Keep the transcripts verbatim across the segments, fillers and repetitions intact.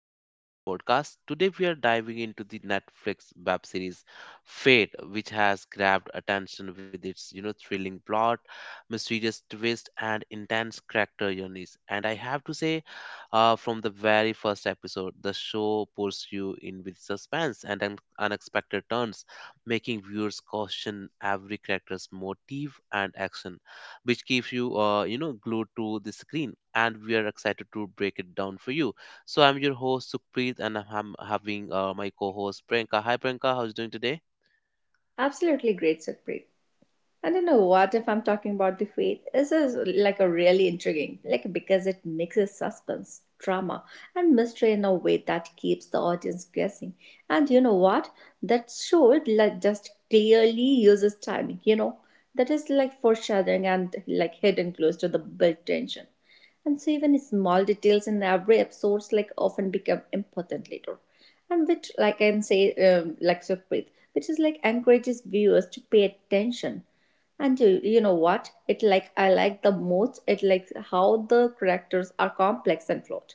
of our podcast. Today we are diving into the Netflix web series Fate, which has grabbed attention with its you know thrilling plot, mysterious twist, and intense character journeys. And I have to say, uh, from the very first episode, the show pulls you in with suspense and un- unexpected turns, making viewers question every character's motive and action, which keeps you uh, you know glued to the screen. And we are excited to break it down for you. So I'm your host, Sukhpreet, and I'm having uh, my co-host, Priyanka. Hi Priyanka, how's doing today? Absolutely great, Satpreet. I don't know what if I'm talking about the faith. This is like a really intriguing, like because it mixes suspense, drama, and mystery in a way that keeps the audience guessing. And you know what? That show like just clearly uses timing. You know that is like foreshadowing and like hidden clues to the built tension. And so even small details in every episode like often become important later. And which like I can say um, like Sukhpreet, which is like encourages viewers to pay attention and you, you know what it like I like the most it like how the characters are complex and flawed.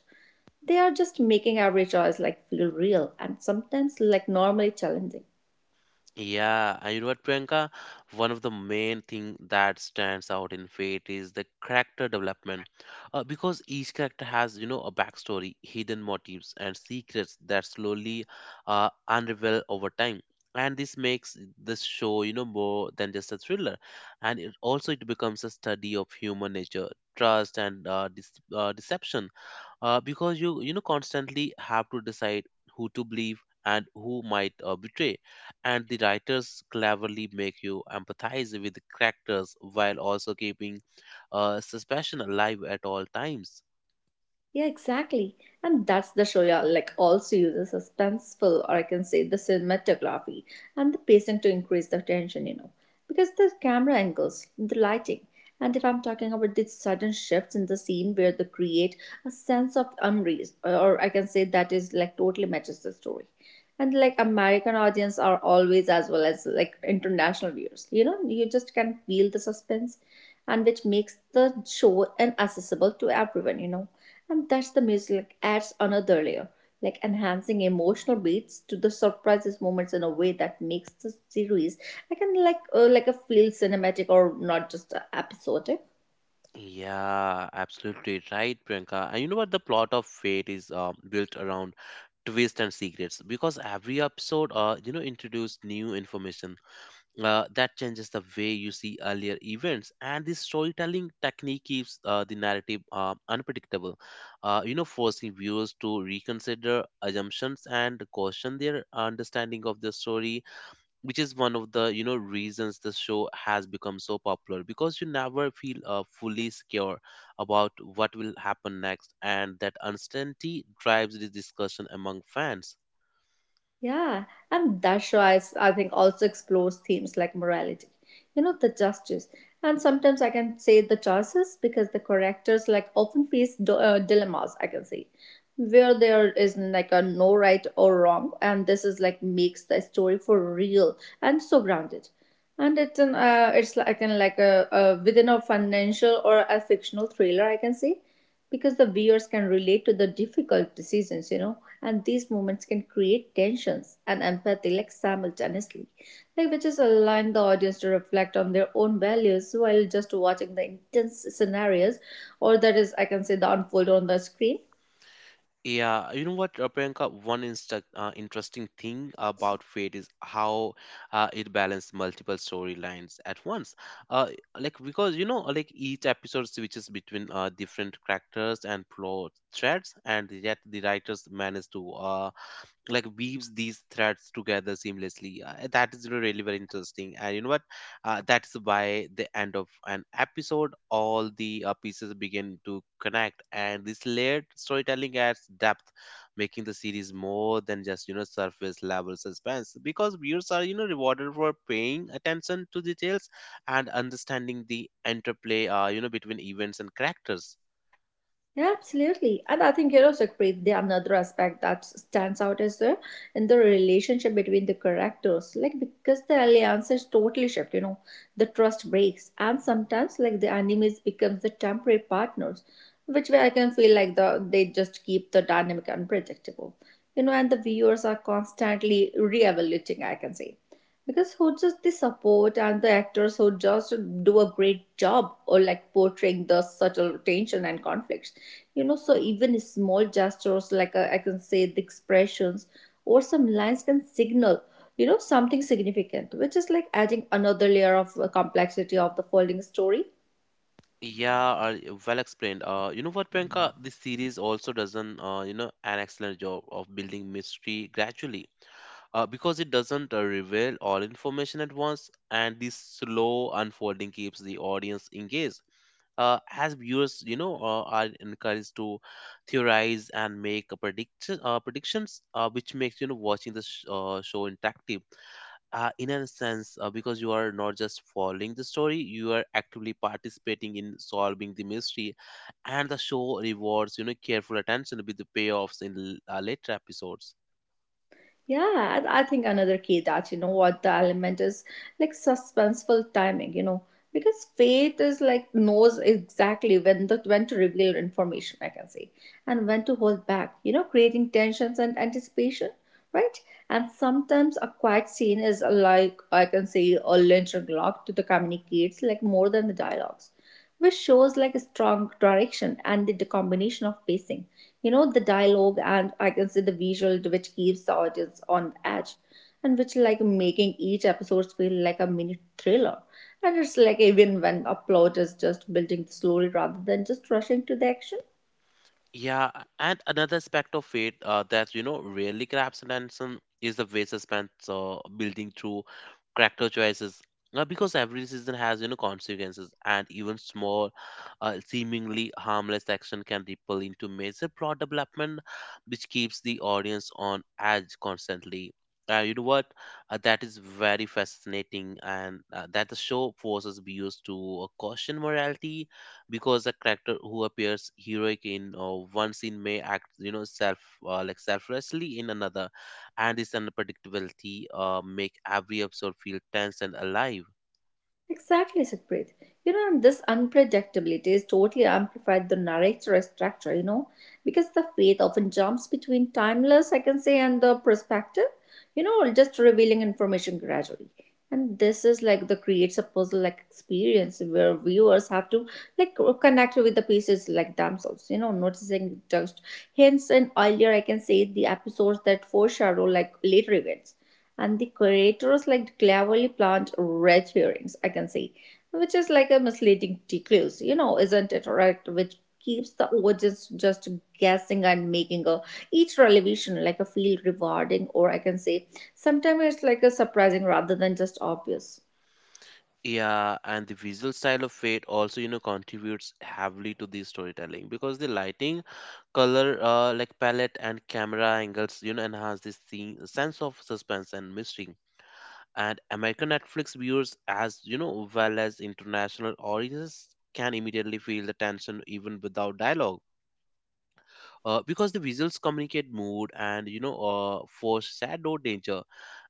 They are just making every choice like feel real and sometimes like normally challenging. Yeah, and you know what, Priyanka? One of the main thing that stands out in Fate is the character development, uh, because each character has you know a backstory, hidden motives, and secrets that slowly uh, unravel over time. And this makes this show you know more than just a thriller, and it also it becomes a study of human nature, trust, and uh, dis- uh, deception, uh, because you you know constantly have to decide who to believe and who might uh, betray. And the writers cleverly make you empathize with the characters while also keeping uh, suspicion alive at all times. Yeah, exactly. And that's the Shoya like also uses suspenseful or I can say the cinematography and the pacing to increase the tension, you know. Because the camera angles, the lighting, and if I'm talking about these sudden shifts in the scene where they create a sense of unrest, or I can say that is like totally matches the story and like american audience are always as well as like international viewers, you know, you just can feel the suspense and which makes the show inaccessible to everyone, you know, and that's the music like, adds another layer like enhancing emotional beats to the surprises moments in a way that makes the series I can like uh, like a feel cinematic or not just uh, episodic. Yeah, absolutely right, Priyanka. And you know what? The plot of Fate is uh, built around twists and secrets, because every episode uh, you know introduced new information uh, that changes the way you see earlier events. And this storytelling technique keeps uh, the narrative uh, unpredictable, uh, you know forcing viewers to reconsider assumptions and caution their understanding of the story, which is one of the you know reasons the show has become so popular, because you never feel uh, fully secure about what will happen next. And that uncertainty drives the discussion among fans. Yeah, and Dashra is, I think, also explores themes like morality, you know, the justice. And sometimes I can say the choices because the characters like often face d- uh, dilemmas, I can say, where there is like a no right or wrong. And this is like makes the story for real and so grounded. And it's an, uh, it's like, I can like a, a within a financial or a fictional thriller, I can say because the viewers can relate to the difficult decisions, you know, and these moments can create tensions and empathy like simultaneously, like which is allowing the audience to reflect on their own values while just watching the intense scenarios, or that is, I can say, the unfold on the screen. Yeah, you know what, uh, Priyanka? One insta uh, interesting thing about Fate is how uh, it balanced multiple storylines at once. Uh, like, because, you know, like, each episode switches between uh, different characters and plot threads, and yet the writers manage to uh, like weaves these threads together seamlessly. Uh, that is really really very interesting. And you know what? Uh, that's By the end of an episode, all the uh, pieces begin to connect. And this layered storytelling adds depth, making the series more than just you know surface level suspense, because viewers are you know rewarded for paying attention to details and understanding the interplay uh, you know between events and characters. Yeah, absolutely. And I think, you know, Sukhpreet, the another aspect that stands out is the in the relationship between the characters. Like because the alliances totally shift, you know, the trust breaks. And sometimes like the enemies becomes the temporary partners, which way I can feel like the they just keep the dynamic unpredictable. You know, and the viewers are constantly re-evaluating, I can say. Because who just the support and the actors who just do a great job or like portraying the subtle tension and conflict, you know, so even small gestures like uh, I can say the expressions or some lines can signal, you know, something significant which is like adding another layer of uh, complexity of the folding story. Yeah, uh, well explained. Uh, you know what, Priyanka? This series also does an, uh, you know, an excellent job of building mystery gradually. Uh, because it doesn't uh, reveal all information at once, and this slow unfolding keeps the audience engaged. Uh, as viewers, you know, uh, are encouraged to theorize and make a prediction, uh, predictions, uh, which makes you know watching the sh- uh, show interactive. Uh, in a sense, uh, because you are not just following the story, you are actively participating in solving the mystery, and the show rewards you know careful attention with the payoffs in l- uh, later episodes. Yeah, I I think another key that you know what the element is like suspenseful timing, you know, because faith is like knows exactly when the when to reveal information, I can say, and when to hold back, you know, creating tensions and anticipation, right? And sometimes a quiet scene is like I can say a lynch or lock to the communicates like more than the dialogues which shows like a strong direction and the combination of pacing, you know, the dialogue and I can say the visual which keeps the audience on edge and which like making each episode feel like a mini thriller. And it's like even when a plot is just building slowly rather than just rushing to the action. Yeah, and another aspect of it uh, that you know really grabs attention is the way suspense uh, building through character choices. Uh, because every season has you know consequences, and even small, uh, seemingly harmless action can ripple into major plot development, which keeps the audience on edge constantly. Uh, you know what? Uh, that is very fascinating, and uh, that the show forces viewers to uh, caution morality, because a character who appears heroic in uh, one scene may act you know self uh, like selflessly in another. And this unpredictability uh, make every episode feel tense and alive. Exactly, Sakrit. You know, and this unpredictability is totally amplified the narrator structure, you know, because the faith often jumps between timeless, I can say, and the perspective, you know, just revealing information gradually. And this is like the creates a puzzle like experience where viewers have to like connect with the pieces like themselves, you know, noticing just hints and earlier I can say the episodes that foreshadow like later events. And the curators like cleverly plant red herrings I can say, which is like a misleading clues, you know, isn't it right, which keeps the audience just guessing and making a each revelation like a feel rewarding or I can say sometimes it's like a surprising rather than just obvious. Yeah, and the visual style of Fate also, you know, contributes heavily to the storytelling, because the lighting, color, uh, like palette and camera angles, you know, enhance this scene, sense of suspense and mystery. And American Netflix viewers, as you know, well as international audiences, can immediately feel the tension even without dialogue, uh, because the visuals communicate mood and you know, uh, foreshadow danger.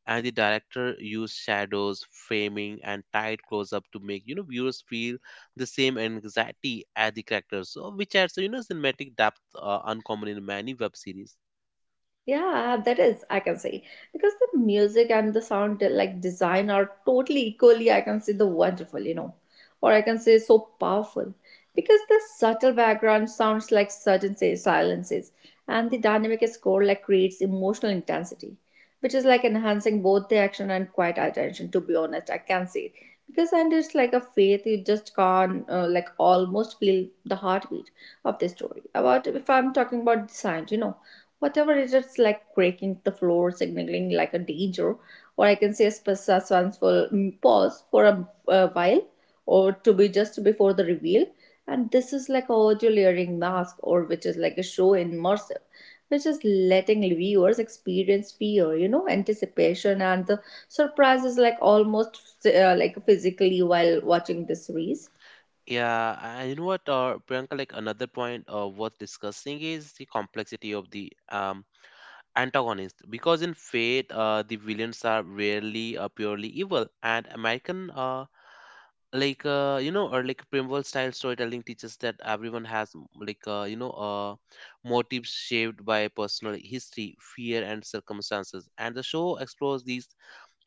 And the director used shadows, framing, and tight close-up to make you know viewers feel the same anxiety as the characters, so which adds you know cinematic depth, uh, uncommon in many web series. Yeah, that is, I can say. Because the music and the sound uh, like design are totally equally, I can say, the wonderful, you know, or I can say so powerful. Because the subtle background sounds like certain say silences, and the dynamic score like creates emotional intensity, which is like enhancing both the action and quiet attention, to be honest, I can say. Because and it's like a faith, you just can't uh, like almost feel the heartbeat of the story. About if I'm talking about design, you know whatever it is like breaking the floor signaling like a danger or I can say a sp- suspenseful mm, pause for a, a while or to be just before the reveal. And this is like a audio layering mask or which is like a show immersive which is letting viewers experience fear, you know, anticipation and the surprises like almost uh, like physically while watching the series. Yeah, and you know what, uh, Priyanka, like another point uh, worth discussing is the complexity of the um, antagonist. Because in Fate, uh, the villains are rarely uh, purely evil, and American uh, like uh, you know or like primeval style storytelling teaches that everyone has m- like uh, you know uh, motives shaped by personal history, fear, and circumstances. And the show explores these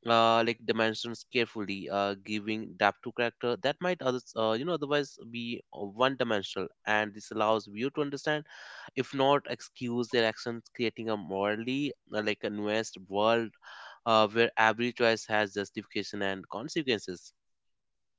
uh, like dimensions carefully, uh, giving depth to character that might others uh, you know otherwise be one dimensional. And this allows view to understand, if not excuse, their actions, creating a morally uh, like a nuanced world, uh, where every choice has justification and consequences.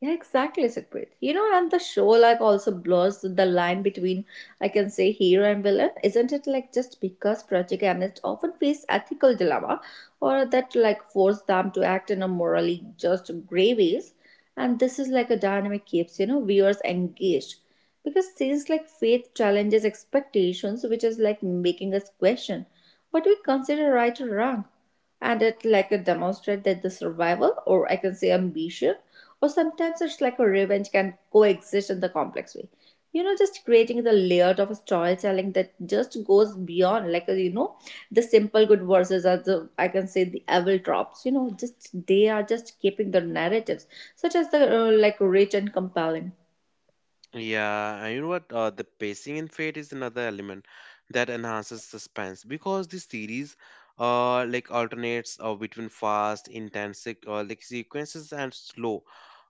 Yeah, exactly, Sukhpreet. You know, and the show like also blurs the line between, I can say, hero and villain, isn't it? Like just because project analysts often face ethical dilemma, or that like force them to act in a morally just grey ways, and this is like a dynamic keeps you know viewers engaged, because scenes like faith challenges expectations, which is like making us question what we consider right or wrong. And it like a demonstrate that the survival or I can say ambition or sometimes it's like a revenge can coexist in the complex way, you know, just creating the layout of a storytelling that just goes beyond like uh, you know the simple good verses are the I can say the evil tropes, you know, just they are just keeping the narratives such as the uh, like rich and compelling. Yeah, and you know what? Uh, the pacing and fate is another element that enhances suspense, because the series uh, like alternates uh, between fast, intense, like, uh, like sequences and slow,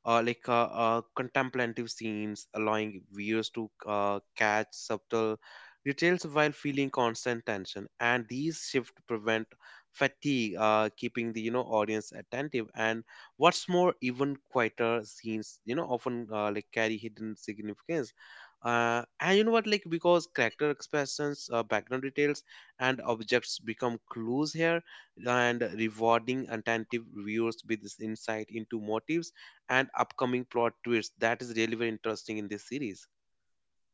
uh, like uh, uh, contemplative scenes, allowing viewers to uh, catch subtle details while feeling constant tension. And these shift prevent fatigue, uh, keeping the you know audience attentive. And what's more, even quieter scenes, you know, often uh, like carry hidden significance. Uh, and you know what, like because character expressions, uh, background details, and objects become clues here, and rewarding attentive viewers with this insight into motives and upcoming plot twists. That is really very interesting in this series.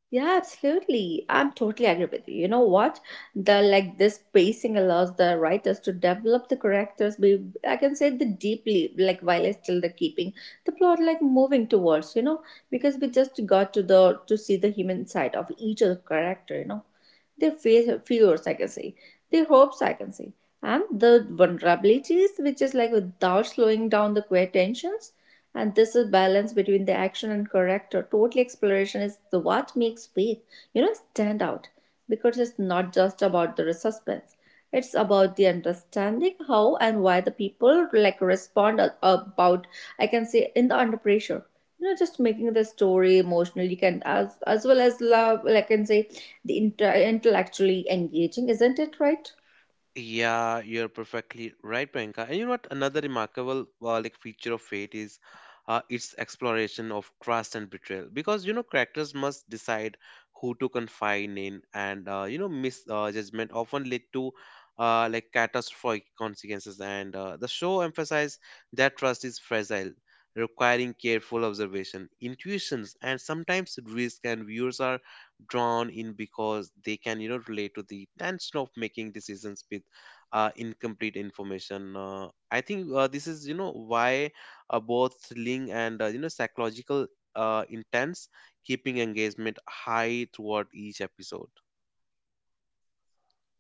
Yeah, absolutely. I'm totally agree with you. You know what? The like this pacing allows the writers to develop the characters. Be I can say the deeply like while still the keeping the plot like moving towards. You know because we just got to the to see the human side of each of the character. You know their fears I can say, their hopes I can say, and the vulnerabilities, which is like without slowing down the queer tensions. And this is balance between the action and character. Total exploration is the what makes faith, you know, stand out because it's not just about the suspense. It's about the understanding how and why the people like respond about I can say in the under pressure, you know, just making the story emotionally can as as well as love like I can say the inter- intellectually engaging isn't it right. Yeah, you're perfectly right, Priyanka. And you know what? Another remarkable uh, like feature of fate is uh, its exploration of trust and betrayal. Because you know, characters must decide who to confide in, and uh, you know, misjudgment often lead to uh, like catastrophic consequences. And uh, the show emphasizes that trust is fragile, requiring careful observation, intuitions, and sometimes risk. And viewers are drawn in because they can you know relate to the tension of making decisions with uh, incomplete information. Uh, I think uh, this is you know why uh, both thrilling and uh, you know psychological, uh, intense, keeping engagement high throughout each episode.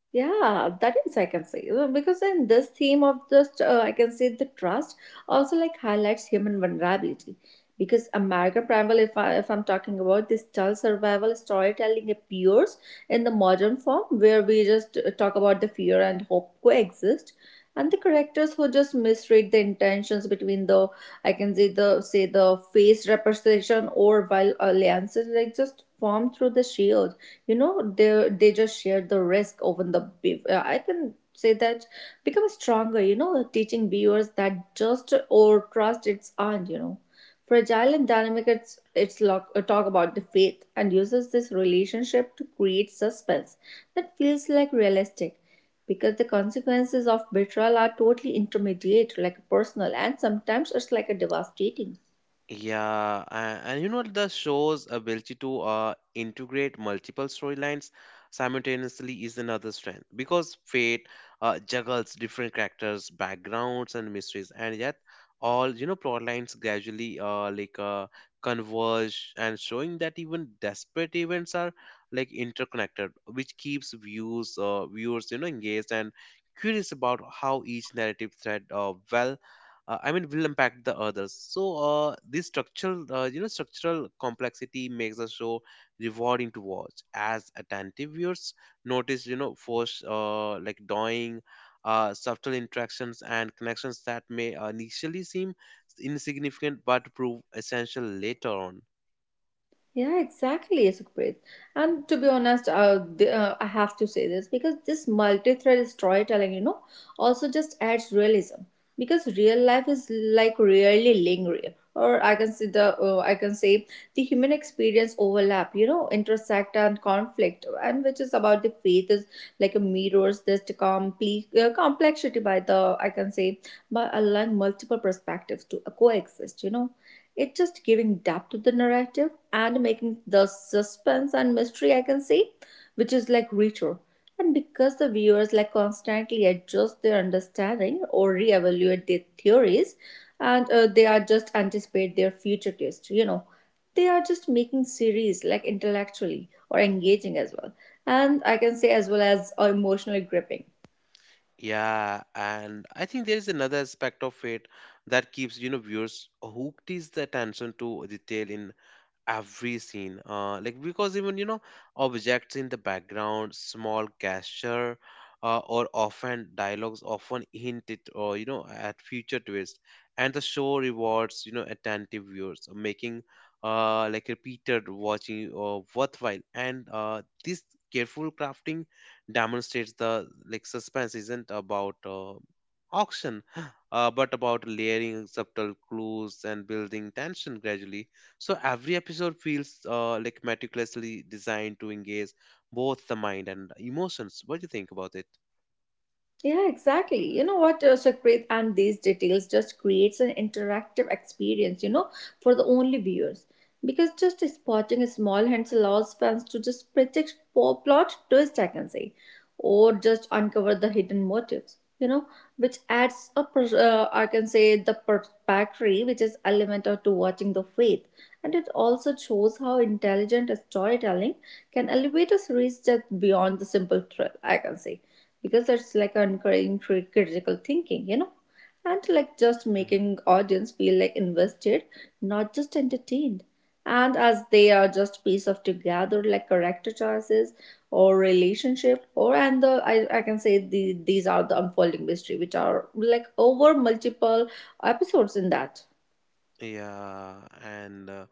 Yeah, that is I can say. Uh, because in this theme of just uh, I can say the trust also like highlights human vulnerability because American Primal if I if I'm talking about this child survival storytelling appears in the modern form where we just uh, talk about the fear and hope coexist and the characters who just misread the intentions between the I can say the say the face representation or while alliances like just form through the sheer you know they they just share the risk over the beef uh, I can say that become stronger, you know, teaching viewers that just or trust its aren't, you know, fragile and dynamic. It's it's lo- uh, talk about the faith and uses this relationship to create suspense that feels like realistic because the consequences of betrayal are totally intermediate like personal and sometimes it's like a devastating. Yeah, and, and you know the show's ability to uh, integrate multiple storylines simultaneously is another strength, because Fate uh, juggles different characters, backgrounds, and mysteries, and yet all you know plot lines gradually uh, like uh, converge, and showing that even desperate events are like interconnected, which keeps views uh, viewers you know engaged and curious about how each narrative thread uh, well uh, I mean will impact the others. So uh, this structural uh, you know structural complexity makes a show rewarding to watch, as attentive viewers notice you know force uh, like dawing, uh, subtle interactions and connections that may initially seem insignificant but prove essential later on. Yeah, exactly, Sukhpreet. And to be honest, uh, the, uh, I have to say this because this multi-thread storytelling, you know, also just adds realism because real life is like really lingering, or I can see the uh, I can say the human experience overlap, you know, intersect and conflict, and which is about the faith is like a mirrors this complete uh, complexity by the I can say by allowing multiple perspectives to coexist, you know, it's just giving depth to the narrative and making the suspense and mystery I can say, which is like richer. And because the viewers like constantly adjust their understanding or reevaluate their theories, and uh, they are just anticipate their future twist, you know, they are just making series like intellectually or engaging as well, and I can say as well as uh, emotionally gripping. Yeah, and I think there is another aspect of it that keeps you know viewers hooked is the attention to detail in every scene, uh, like because even you know objects in the background, small gesture, uh, or often dialogues often hint it or you know at future twists. And the show rewards you know attentive viewers, uh, making uh, like repeated watching uh, worthwhile. And uh, this careful crafting demonstrates the like suspense isn't about uh, auction uh, but about layering subtle clues and building tension gradually, so every episode feels uh, like meticulously designed to engage both the mind and emotions. What do you think about it? Yeah, exactly. You know what, uh, Shakpreet, and these details just creates an interactive experience, you know, for the only viewers. Because just spotting small hints allows fans to just predict po- plot twist, I can say, or just uncover the hidden motives, you know, which adds a, pers- uh, I can say, the perspective, which is element of to watching the faith. And it also shows how intelligent storytelling can elevate a series just beyond the simple thrill, I can say because it's like encouraging cri- critical thinking, you know, and like just making audience feel like invested, not just entertained. And as they are just piece of together like character choices or relationship or and the I, I can say the, these are the unfolding mystery which are like over multiple episodes in that. Yeah, and uh,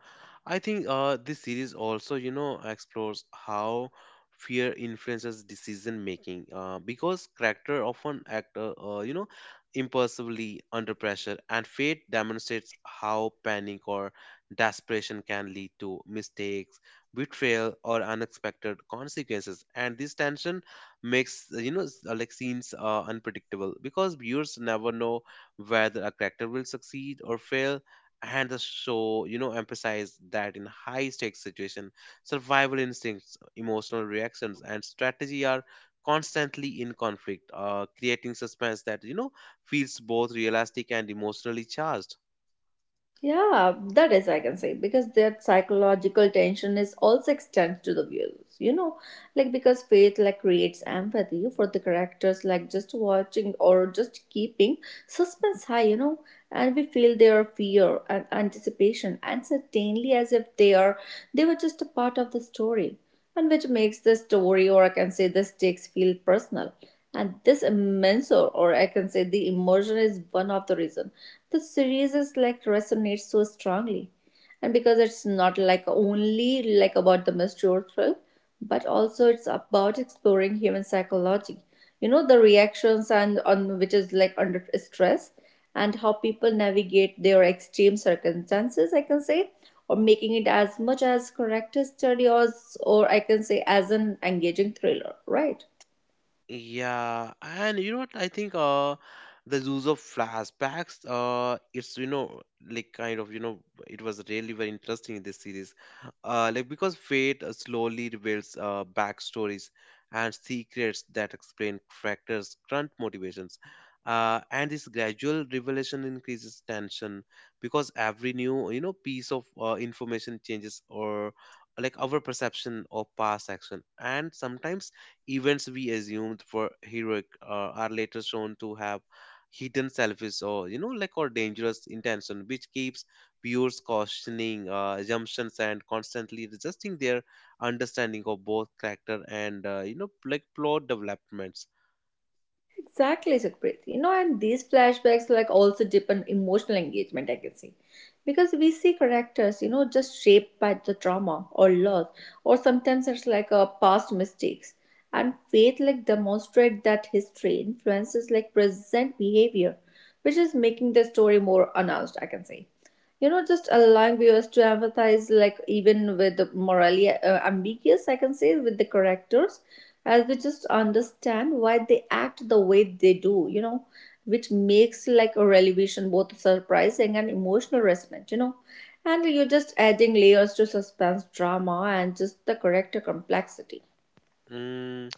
I think uh, this series also, you know, explores how fear influences decision making, uh, because character often act, uh, uh, you know, impulsively under pressure, and fate demonstrates how panic or desperation can lead to mistakes, betrayal, or unexpected consequences. And this tension makes, uh, you know, s- uh, like scenes uh, unpredictable, because viewers never know whether a character will succeed or fail. And the show you know emphasized that in high stakes situation, survival instincts, emotional reactions, and strategy are constantly in conflict, uh, creating suspense that you know feels both realistic and emotionally charged. Yeah, that is, I can say, because that psychological tension is also extends to the viewers. You know, like because faith like creates empathy for the characters, like just watching or just keeping suspense high. You know, and we feel their fear and anticipation, and certainly as if they are they were just a part of the story, and which makes the story, or I can say, the stakes feel personal. And this immense, or, or I can say, the emotion is one of the reason the series is like resonates so strongly and because it's not like only like about the mature thrill but also it's about exploring human psychology, you know, the reactions and on which is like under stress, and how people navigate their extreme circumstances I can say, or making it as much as character study or, or I can say as an engaging thriller, right? Yeah, and you know what? I think uh the use of flashbacks, uh it's you know like kind of you know it was really very interesting in this series. Uh like because Fate uh, slowly reveals uh backstories and secrets that explain characters' current motivations. Uh and this gradual revelation increases tension, because every new you know piece of uh, information changes, or like, our perception of past action. And sometimes events we assumed were heroic uh, are later shown to have hidden selfish or you know like or dangerous intention, which keeps viewers questioning uh, assumptions and constantly resisting their understanding of both character and uh, you know like plot developments. Exactly, Sukhpreet. You know, and these flashbacks like also deepen emotional engagement, I can say. Because we see characters, you know, just shaped by the trauma or loss, or sometimes it's like a past mistakes. And faith like demonstrate that history influences like present behavior, which is making the story more announced, I can say, you know, just allowing viewers to empathize like even with the morally uh, ambiguous I can say with the characters, as we just understand why they act the way they do, you know, which makes like a revelation both surprising and emotional resonant, you know, and you're just adding layers to suspense drama and just the character complexity. Mm,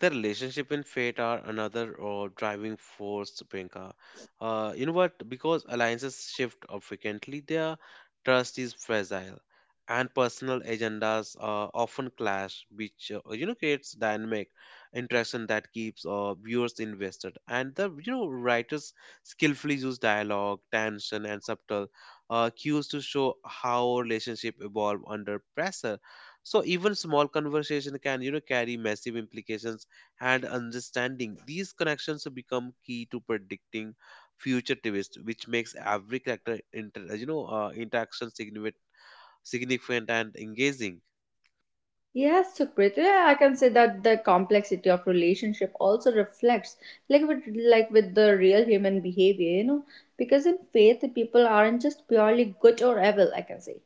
the relationship and fate are another uh, driving force, Priyanka. Uh, you know what? Because alliances shift uh, frequently, their trust is fragile, and personal agendas uh, often clash, which uh, you know creates dynamic interaction that keeps uh, viewers invested. And the you know writers skillfully use dialogue, tension, and subtle uh, cues to show how relationship evolve under pressure, so even small conversation can, you know, carry massive implications and understanding. These connections become key to predicting future twists, which makes every character, inter, you know, uh, interaction significant, significant and engaging. Yes, Sukriti, I can say that the complexity of relationship also reflects like with like with the real human behavior, you know, because in faith people aren't just purely good or evil, I can say.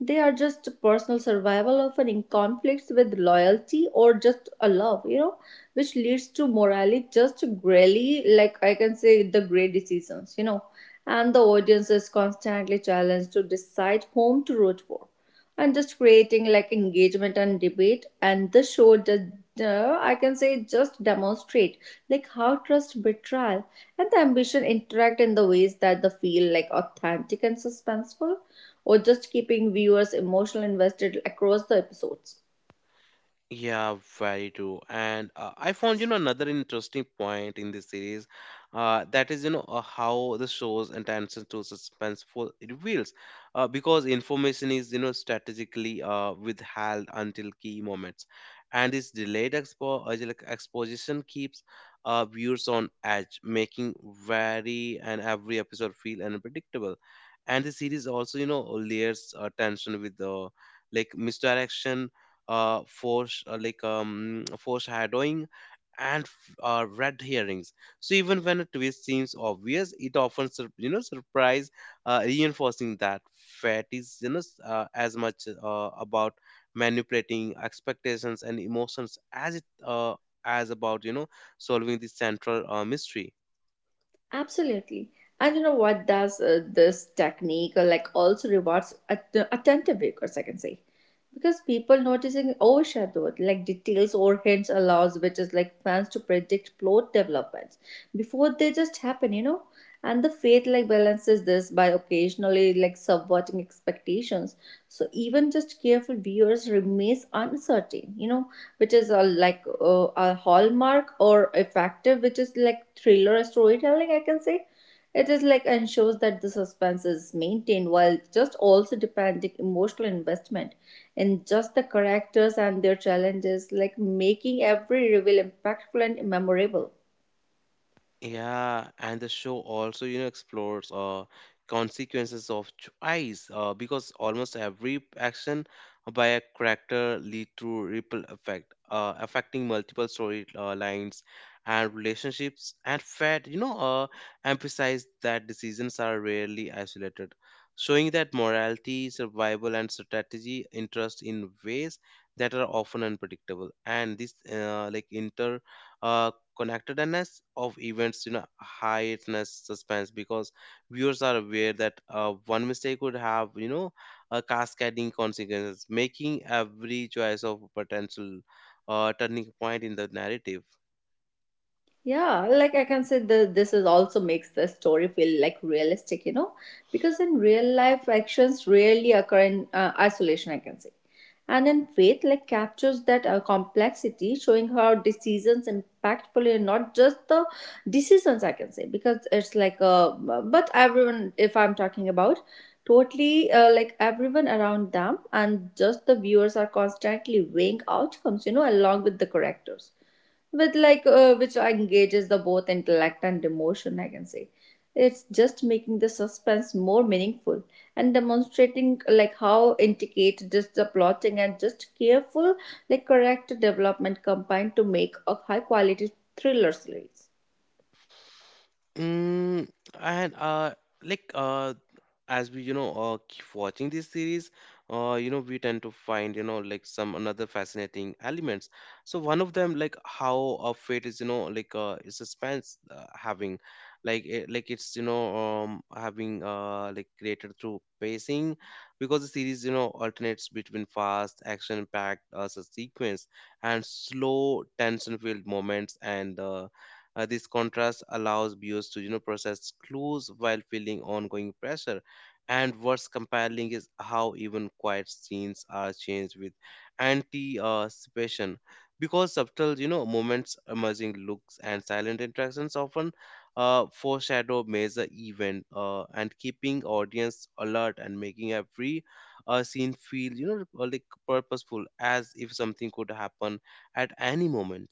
They are just personal survival often in conflicts with loyalty or just a love, you know, which leads to morally just really like I can say the great decisions, you know. And the audience is constantly challenged to decide whom to root for and just creating like engagement and debate, and this show did uh, I can say just demonstrate like how trust betrayal and the ambition interact in the ways that they feel like authentic and suspenseful, or just keeping viewers emotionally invested across the episodes. Yeah, very true. And uh, I found, you know, another interesting point in this series, uh, that is, you know, uh, how the show's attention to suspenseful reveals, uh, because information is, you know, strategically uh, withheld until key moments, and this delayed expo uh, like exposition keeps uh, viewers on edge, making very and every episode feel unpredictable. And the series also, you know, layers uh, tension with the like misdirection uh, force uh, like um, foreshadowing and uh, red herrings. So even when a twist seems obvious, it often sur- you know surprise, uh, reinforcing that fat is you know s- uh, as much uh, about manipulating expectations and emotions as it uh, as about you know solving the central uh, mystery. Absolutely. And you know what does uh, this technique uh, like also rewards at- uh, attentive viewers, I can say. Because people noticing overshadowed like details or hints allows which is like fans to predict plot developments before they just happen, you know, and the faith like balances this by occasionally like subverting expectations, so even just careful viewers remains uncertain, you know, which is a like uh, a hallmark or effective which is like thriller storytelling I can say. It is like ensures that the suspense is maintained while just also demanding emotional investment in just the characters and their challenges, like making every reveal impactful and memorable. Yeah, and the show also, you know, explores uh, consequences of choice uh, because almost every action by a character lead to ripple effect, uh, affecting multiple story uh, lines and relationships. And Fed, you know, uh, emphasized that decisions are rarely isolated, showing that morality, survival, and strategy interest in ways that are often unpredictable. And this, uh, like, inter uh, connectedness of events you know heightened suspense because viewers are aware that uh, one mistake could have you know a cascading consequences, making every choice of potential uh, turning point in the narrative. Yeah, like I can say that this is also makes the story feel like realistic, you know, because in real life actions rarely occur in uh, isolation, I can say. And in Faith, like captures that uh, complexity, showing how decisions impactfully and not just the decisions, I can say, because it's like a but everyone, if I'm talking about, totally uh, like everyone around them and just the viewers are constantly weighing outcomes, you know, along with the characters with like uh, which engages the both intellect and emotion I can say. It's just making the suspense more meaningful and demonstrating like how intricate just the plotting and just careful like character development combined to make a high quality thriller series. Mm, and uh, like uh, as we you know uh, keep watching this series, uh, you know we tend to find you know like some another fascinating elements. So one of them like how uh, fate is you know like uh, is suspense uh, having like it, like it's you know um, having uh, like created through pacing, because the series you know alternates between fast action packed uh, s- sequence and slow tension filled moments, and uh, uh, this contrast allows viewers to you know process clues while feeling ongoing pressure. And what's compelling is how even quiet scenes are changed with anticipation. Because subtle, you know, moments, emerging looks, and silent interactions often uh, foreshadow major event uh, and keeping audience alert and making every uh, scene feel, you know, uh, like purposeful, as if something could happen at any moment.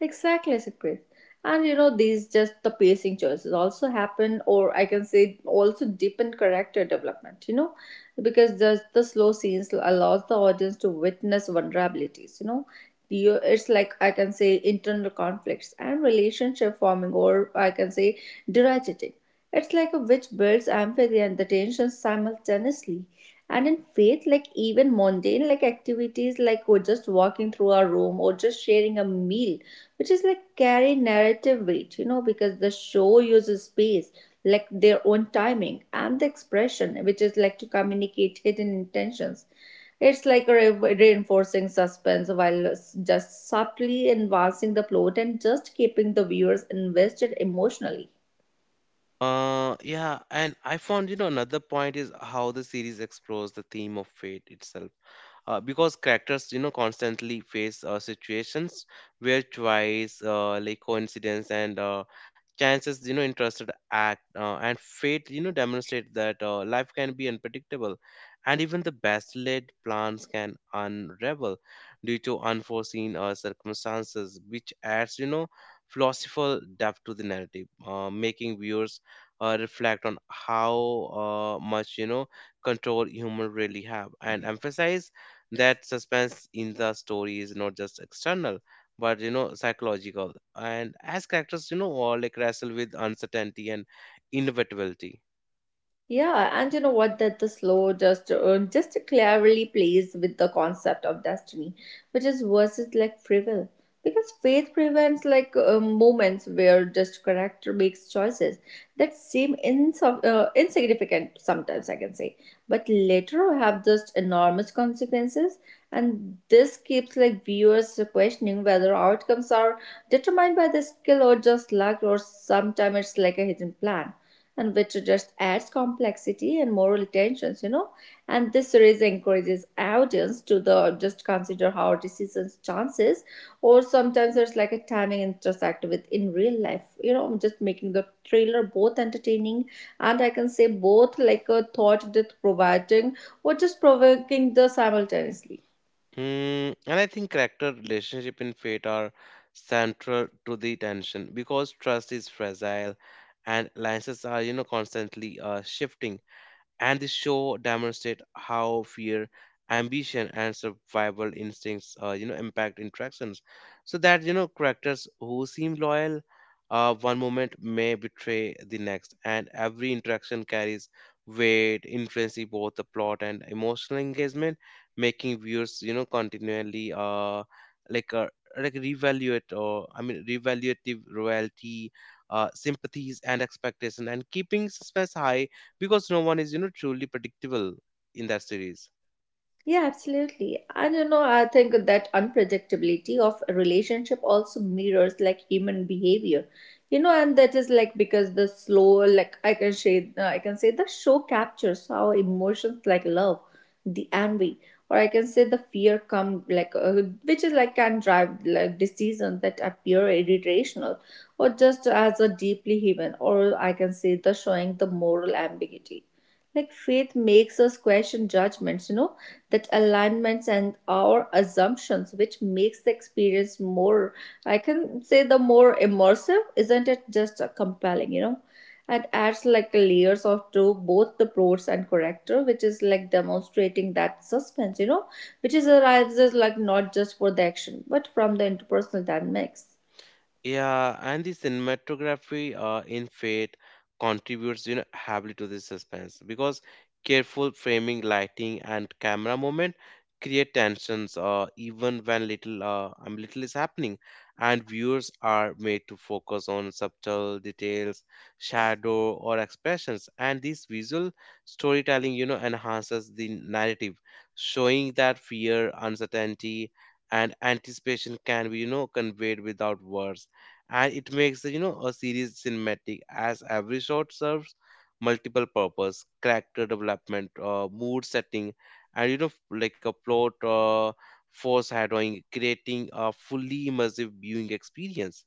Exactly, Sakrit. And you know, these just the pacing choices also happen, or I can say, also deepen character development. You know, because the the slow scenes allows the audience to witness vulnerabilities. You know, you, it's like I can say internal conflicts and relationship forming, or I can say derogating. It's like a witch builds empathy and the tension simultaneously. And in faith, like even mundane like activities like or just walking through our room or just sharing a meal, which is like carry narrative weight, you know, because the show uses space, like their own timing and the expression, which is like to communicate hidden intentions. It's like re- reinforcing suspense while s- just subtly advancing the plot and just keeping the viewers invested emotionally. Uh, yeah, and I found, you know, another point is how the series explores the theme of fate itself, uh, because characters you know constantly face uh, situations where choice uh, like coincidence, and uh, chances you know interested act, uh, and fate you know demonstrate that uh, life can be unpredictable and even the best laid plans can unravel due to unforeseen uh, circumstances, which adds you know philosophical depth to the narrative, uh, making viewers uh, reflect on how uh, much you know control human really have, and emphasize that suspense in the story is not just external but you know psychological, and as characters you know all like wrestle with uncertainty and inevitability. Yeah, and you know what? That the slow just uh, just cleverly plays with the concept of destiny, which is versus like frivol, because faith prevents like uh, moments where just character makes choices that seem ins uh, insignificant sometimes I can say, but later have just enormous consequences, and this keeps like viewers questioning whether outcomes are determined by the skill or just luck, or sometimes it's like a hidden plan, and which just adds complexity and moral tensions, you know, and this series encourages audience to the just consider how decisions chances or sometimes there's like a timing intersect with in real life, you know, just making the trailer both entertaining and I can say both like a thought that providing or just provoking the simultaneously. Mm, and I think character relationship and fate are central to the tension, because trust is fragile and alliances are you know constantly uh, shifting, and the show demonstrate how fear, ambition, and survival instincts uh, you know impact interactions, so that you know characters who seem loyal uh, one moment may betray the next, and every interaction carries weight influencing both the plot and emotional engagement, making viewers you know continually uh like uh, like reevaluate, or I mean reevaluative royalty, uh, sympathies and expectation, and keeping suspense high because no one is you know truly predictable in that series. Yeah, absolutely. And you know, I think that unpredictability of a relationship also mirrors like human behavior. You know, and that is like because the slow, like I can say, uh, I can say the show captures how emotions like love, the envy, or I can say the fear come like, uh, which is like can drive like decisions that appear irrational, or just as a deeply human, or I can say the showing the moral ambiguity. Like faith makes us question judgments, you know, that alignments and our assumptions, which makes the experience more, I can say, the more immersive, isn't it just uh, compelling, you know? And adds like layers of to both the pros and character, which is like demonstrating that suspense, you know, which is arises like not just for the action, but from the interpersonal dynamics. Yeah, and the cinematography uh, in Fate contributes, you know, heavily to this suspense because careful framing, lighting, and camera movement create tensions, uh, even when little, uh, um, little is happening, and viewers are made to focus on subtle details, shadow, or expressions, and this visual storytelling, you know, enhances the narrative, showing that fear, uncertainty, and anticipation can be you know conveyed without words, and it makes the you know a series cinematic, as every shot serves multiple purpose character development, uh, mood setting, and you know f- like a plot uh, foreshadowing, creating a fully immersive viewing experience.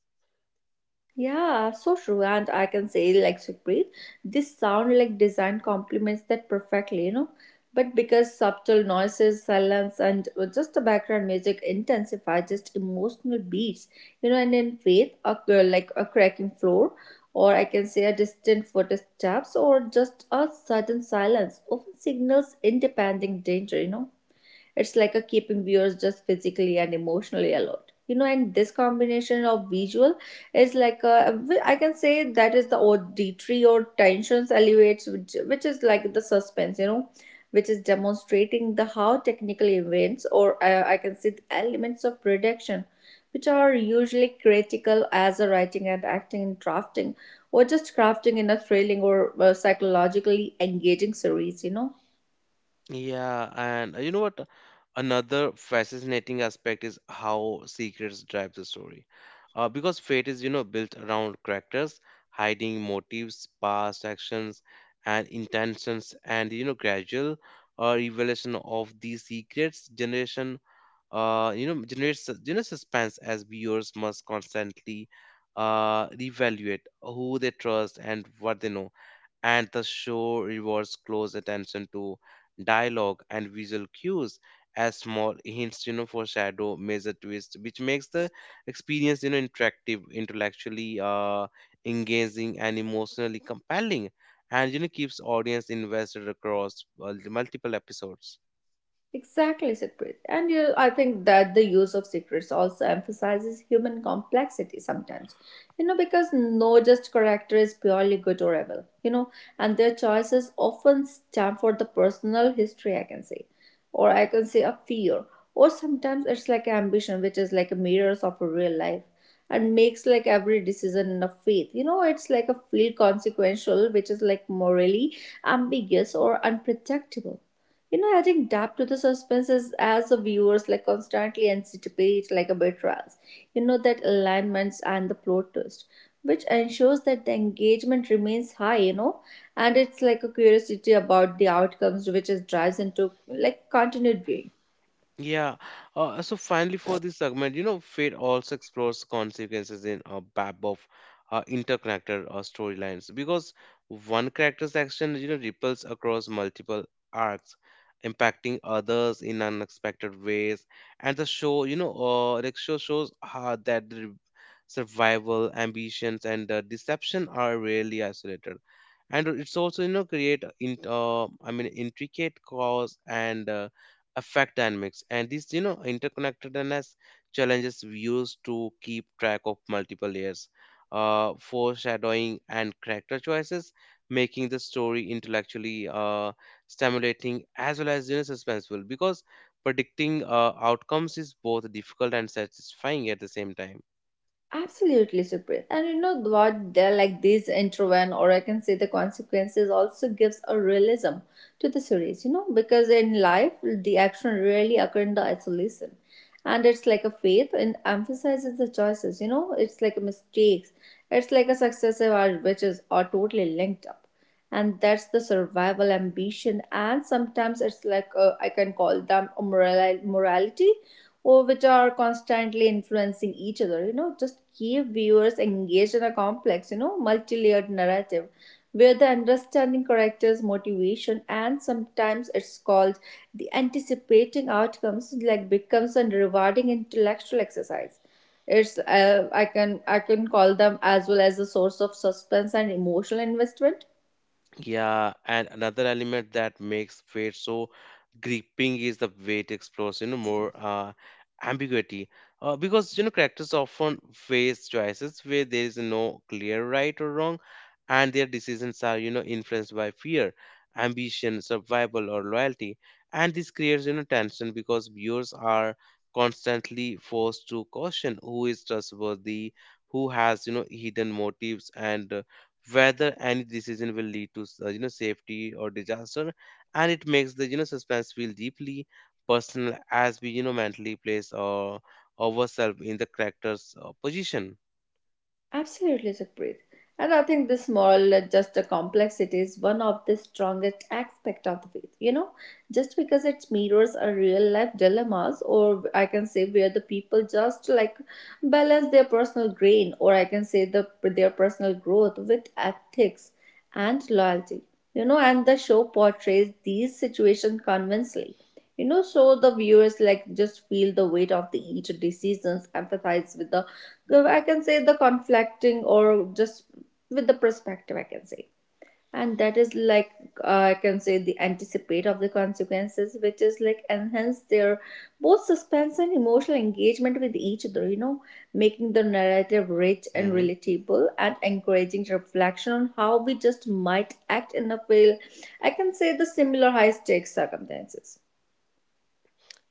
Yeah, so true. And I can say, like Supreet, this sound like design complements that perfectly, you know. But because subtle noises, silence, and uh, just the background music intensify just emotional beats, you know, and in faith, a, like a cracking floor, or I can say a distant footsteps, or just a sudden silence often signals independent danger, you know, it's like a keeping viewers just physically and emotionally alert. You know, and this combination of visual is like a, I can say that is the auditory or tensions elevates, which, which is like the suspense, you know, which is demonstrating the how technical events or uh, I can say the elements of production, which are usually critical as a writing and acting and drafting or just crafting in a thrilling or uh, psychologically engaging series, you know. Yeah, and uh, you know what? Another fascinating aspect is how secrets drive the story. Uh, because fate is, you know, built around characters hiding motives, past actions, and intentions, and you know, gradual uh, revelation of these secrets generation, uh, you know, generates sus- you know suspense as viewers must constantly uh reevaluate who they trust and what they know, and the show rewards close attention to dialogue and visual cues as small hints you know foreshadow major twists, which makes the experience you know interactive, intellectually uh engaging, and emotionally compelling, and you know keeps audience invested across uh, multiple episodes. Exactly, Sukrit. And you, I think that the use of secrets also emphasizes human complexity sometimes. You know, because no just character is purely good or evil, you know, and their choices often stem for the personal history, I can say, or I can say a fear, or sometimes it's like ambition, which is like a mirrors of a real life, and makes like every decision in a faith, you know, it's like a fleet consequential which is like morally ambiguous or unpredictable, you know, adding depth to the suspense is as the viewers like constantly anticipate like a betrayals, you know, that alignments and the plot twist, which ensures that the engagement remains high, you know, and it's like a curiosity about the outcomes which is drives into like continued viewing. Yeah. Uh, so finally, for this segment, you know, fate also explores consequences in a web of uh, interconnected uh, storylines, because one character's action, you know, ripples across multiple arcs, impacting others in unexpected ways. And the show, you know, uh, the show shows how that the survival, ambitions, and uh, deception are rarely isolated, and it's also you know create in uh, I mean intricate cause and uh, effect dynamics, and this you know interconnectedness challenges viewers to keep track of multiple layers, uh, foreshadowing and character choices, making the story intellectually uh, stimulating as well as you know suspenseful, because predicting uh, outcomes is both difficult and satisfying at the same time. Absolutely, Supreet. And you know what? They're like this intro and or I can say the consequences also gives a realism to the series. You know, because in life the action rarely occur in the isolation, and it's like a faith and emphasizes the choices. You know, it's like a mistakes. It's like a successive art which is are totally linked up, and that's the survival ambition. And sometimes it's like uh, I can call them a moral morality or which are constantly influencing each other, you know, just keep viewers engaged in a complex, you know, multi-layered narrative where the understanding characters motivation and sometimes it's called the anticipating outcomes like becomes a rewarding intellectual exercise. It's uh, i can i can call them as well as a source of suspense and emotional investment. Yeah, and another element that makes fate so gripping is the way it explores, you know, more uh, ambiguity. Uh, because, you know, characters often face choices where there is no clear right or wrong, and their decisions are, you know, influenced by fear, ambition, survival, or loyalty. And this creates, you know, tension because viewers are constantly forced to caution who is trustworthy, who has, you know, hidden motives, and whether any decision will lead to uh, you know safety or disaster, and it makes the you know suspense feel deeply personal as we you know mentally place uh, ourselves in the character's uh, position. Absolutely, Sukhpreet. And I think this moral uh, just a complexity is one of the strongest aspect of the faith. You know, just because it mirrors a real life dilemmas, or I can say where the people just like balance their personal grain, or I can say the their personal growth with ethics and loyalty. You know, and the show portrays these situations convincingly, you know, so the viewers like just feel the weight of the each decisions empathize with the, I can say, the conflicting or just with the perspective, I can say. And that is like uh, I can say the anticipate of the consequences which is like enhance their both suspense and emotional engagement with each other, you know, making the narrative rich and Mhm. relatable and encouraging reflection on how we just might act in a fail, I can say, the similar high stakes circumstances.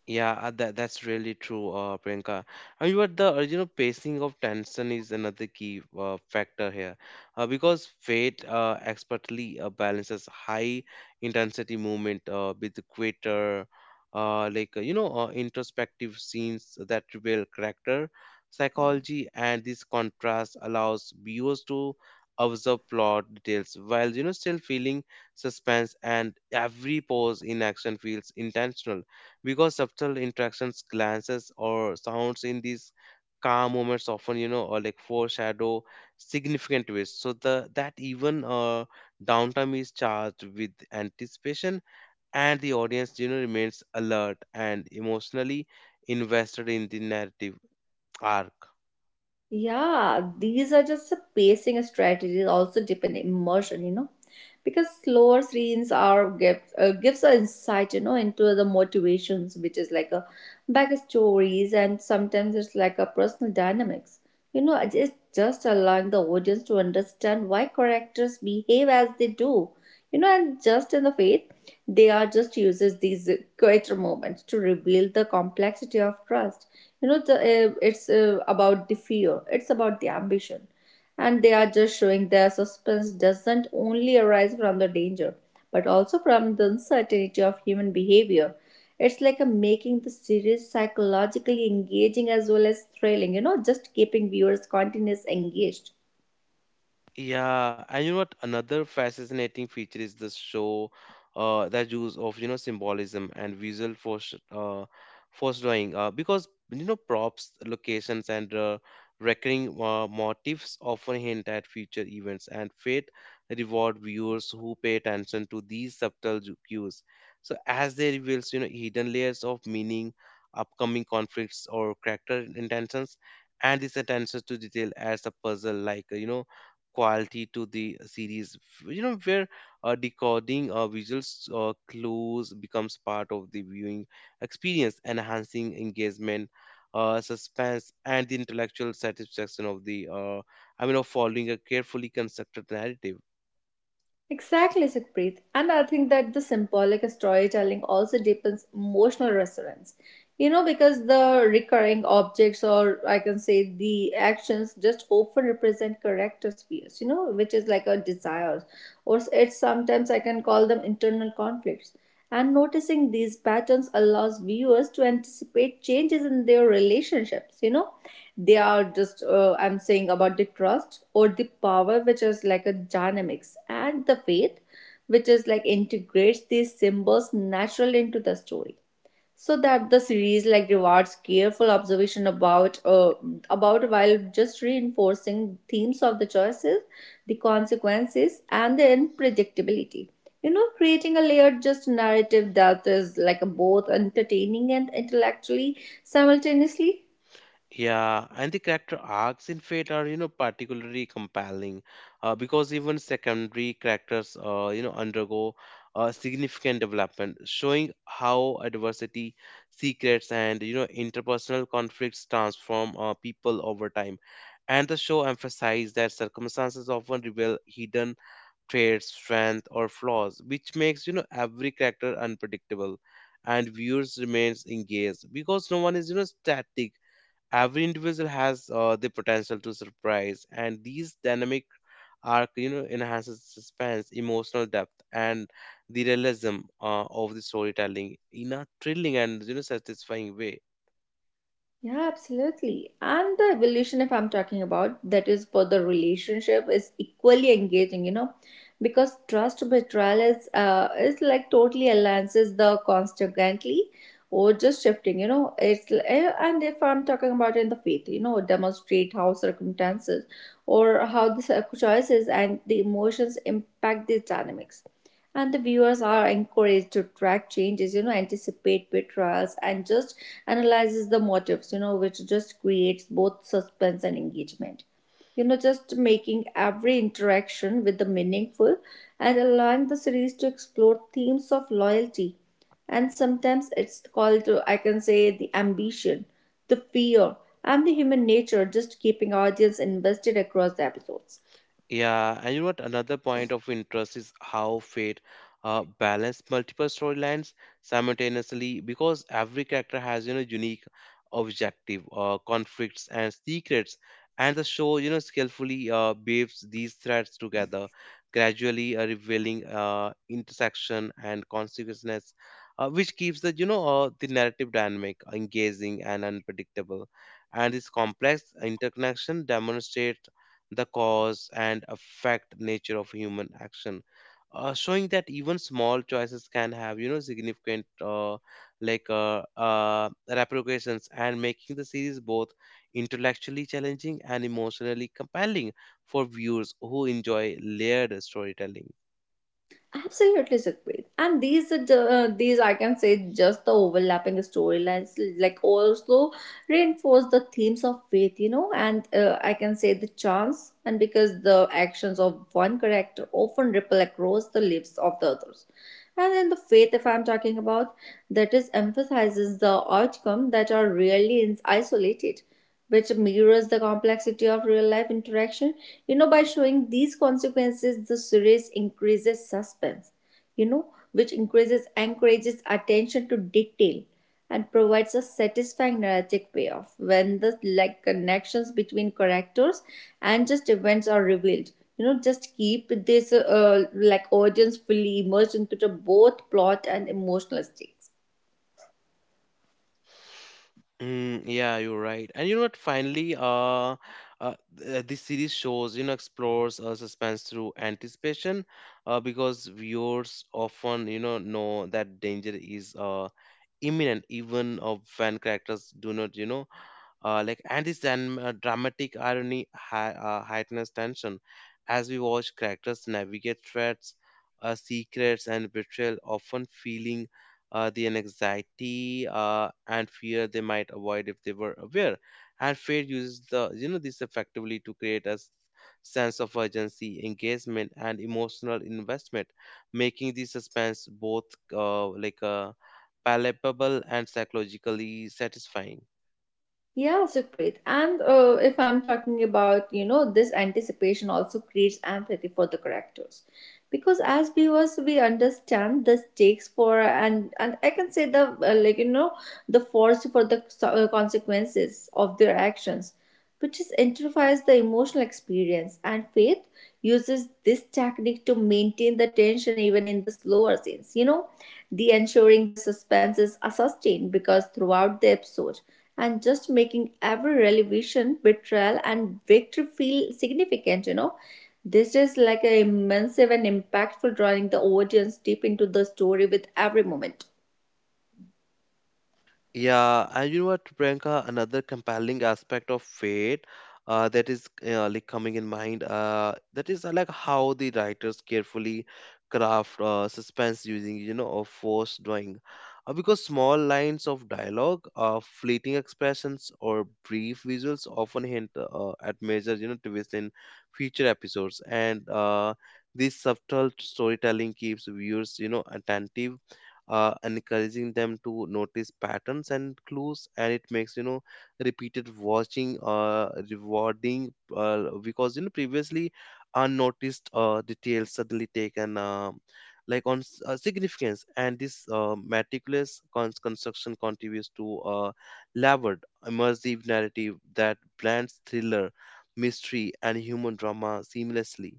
Yeah, uh, that that's really true, uh, Priyanka. However, the uh, you know pacing of tension is another key uh, factor here, uh, because Fate uh, expertly uh, balances high intensity movement uh, with greater, uh, like uh, you know, uh, introspective scenes that reveal character psychology, and this contrast allows viewers to observe plot details while you know still feeling suspense, and every pause in action feels intentional because subtle interactions, glances, or sounds in these calm moments often, you know, or like foreshadow significant twists. So the that even uh, downtime is charged with anticipation, and the audience, you know, remains alert and emotionally invested in the narrative arc. Yeah, these are just a pacing strategies also depend immersion, you know, because slower scenes are gives uh, gives us insight, you know, into the motivations, which is like a backstories, and sometimes it's like a personal dynamics. You know, it- it's just allowing the audience to understand why characters behave as they do. You know, and just in the faith, they are just uses these quieter moments to reveal the complexity of trust, you know. The, uh, it's uh, About the fear, it's about the ambition, and they are just showing their suspense doesn't only arise from the danger but also from the uncertainty of human behavior. It's like a making the series psychologically engaging as well as thrilling, you know, just keeping viewers continuously engaged. Yeah, and you know what? Another fascinating feature is the show uh, that use of you know symbolism and visual force uh, force drawing, uh, because you know props, locations, and uh, recurring uh, motifs often hint at future events, and fate reward viewers who pay attention to these subtle ju- cues. So as they reveals you know hidden layers of meaning, upcoming conflicts, or character intentions, and this attention to detail as a puzzle like uh, you know quality to the series, you know where uh, decoding uh, visuals uh, clues becomes part of the viewing experience, enhancing engagement, uh, suspense, and the intellectual satisfaction of the uh, I mean of following a carefully constructed narrative. Exactly, Sukhpreet. And I think that the symbolic storytelling also deepens emotional resonance. You know, because the recurring objects, or I can say the actions, just often represent character spheres, you know, which is like a desires, or it's sometimes I can call them internal conflicts. And noticing these patterns allows viewers to anticipate changes in their relationships. You know, they are just uh, I'm saying about the trust or the power which is like a dynamics and the faith which is like integrates these symbols naturally into the story so that the series like rewards careful observation about uh, about while just reinforcing themes of the choices, the consequences and the unpredictability, you know, creating a layered just narrative that is like both entertaining and intellectually simultaneously. Yeah, and the character arcs in Fate are, you know, particularly compelling, uh, because even secondary characters, uh, you know, undergo uh, significant development, showing how adversity, secrets, and, you know, interpersonal conflicts transform uh, people over time. And the show emphasized that circumstances often reveal hidden traits, strength, or flaws, which makes, you know, every character unpredictable. And viewers remains engaged because no one is, you know, static, every individual has uh, the potential to surprise, and these dynamic arc you know enhances suspense, emotional depth, and the realism uh, of the storytelling in a thrilling and you know satisfying way. Yeah, absolutely. And the evolution, if I'm talking about, that is for the relationship is equally engaging, you know, because trust betrayal is uh is like totally alliances the constantly or just shifting, you know. It's l- eh, and if I'm talking about in the faith, you know, demonstrate how circumstances or how the cir- choices and the emotions impact these dynamics. And the viewers are encouraged to track changes, you know, anticipate betrayals and just analyzes the motives, you know, which just creates both suspense and engagement. You know, just making every interaction with the meaningful and allowing the series to explore themes of loyalty. And sometimes it's called to, I can say, the ambition, the fear, and the human nature, just keeping audience invested across the episodes. Yeah, and you know what? Another point of interest is how fate uh, balanced multiple storylines simultaneously, because every character has you know unique objective, uh, conflicts, and secrets, and the show you know skillfully uh, weaves these threads together, gradually uh, revealing uh, intersection and consequences, uh, which keeps the you know uh, the narrative dynamic, engaging, and unpredictable. And this complex interconnection demonstrates the cause and effect nature of human action, uh, showing that even small choices can have you know significant uh, like uh, uh, repercussions, and making the series both intellectually challenging and emotionally compelling for viewers who enjoy layered storytelling. Absolutely, Sukhpreet. And these are ju- uh, these I can say just the overlapping storylines like also reinforce the themes of faith, you know, and uh, I can say the chance and because the actions of one character often ripple across the lives of the others. And in the faith, if I'm talking about, that is emphasizes the outcome that are really in- isolated which mirrors the complexity of real life interaction. You know, by showing these consequences, the series increases suspense, you know, which increases encourages attention to detail and provides a satisfying narrative payoff when the like connections between characters and just events are revealed. You know, just keep this uh, like audience fully immersed into the both plot and emotional stakes. Mm, yeah, you're right. And you know what? Finally, uh, uh, th- this series shows, you know, explores uh, suspense through anticipation, uh, because viewers often, you know, know that danger is uh, imminent, even uh, when characters do not, you know, uh, like and this dram- uh, dramatic irony hei- uh, heightens tension as we watch characters navigate threats, uh, secrets, and betrayal, often feeling uh, the anxiety uh, and fear they might avoid if they were aware. And Fate uses the you know this effectively to create a s- sense of urgency, engagement, and emotional investment, making the suspense both uh, like uh, palpable and psychologically satisfying. Yeah, Sukrit. And uh, if I'm talking about, you know, this anticipation also creates empathy for the characters. Because as viewers, we understand the stakes for, and and I can say the, uh, like, you know, the force for the so- uh, consequences of their actions which intensifies the emotional experience. And Faith uses this technique to maintain the tension even in the slower scenes. You know, the ensuring the suspenses are sustained because throughout the episode, and just making every revelation, betrayal, and victory feel significant. You know, this is like an immersive and impactful, drawing the audience deep into the story with every moment. Yeah, and you know what, Priyanka, another compelling aspect of Fate, uh, that is uh, like coming in mind, uh, that is uh, like how the writers carefully craft uh, suspense using, you know, of force drawing, uh, because small lines of dialogue, uh, fleeting expressions, or brief visuals often hint uh, at major, you know, twists in future episodes. And uh, this subtle storytelling keeps viewers, you know, attentive, uh, encouraging them to notice patterns and clues, and it makes, you know, repeated watching uh, rewarding, uh, because, you know, previously unnoticed uh, details suddenly taken um like on s- uh, significance. And this uh, meticulous con- construction contributes to a layered, immersive narrative that blends thriller, mystery, and human drama seamlessly.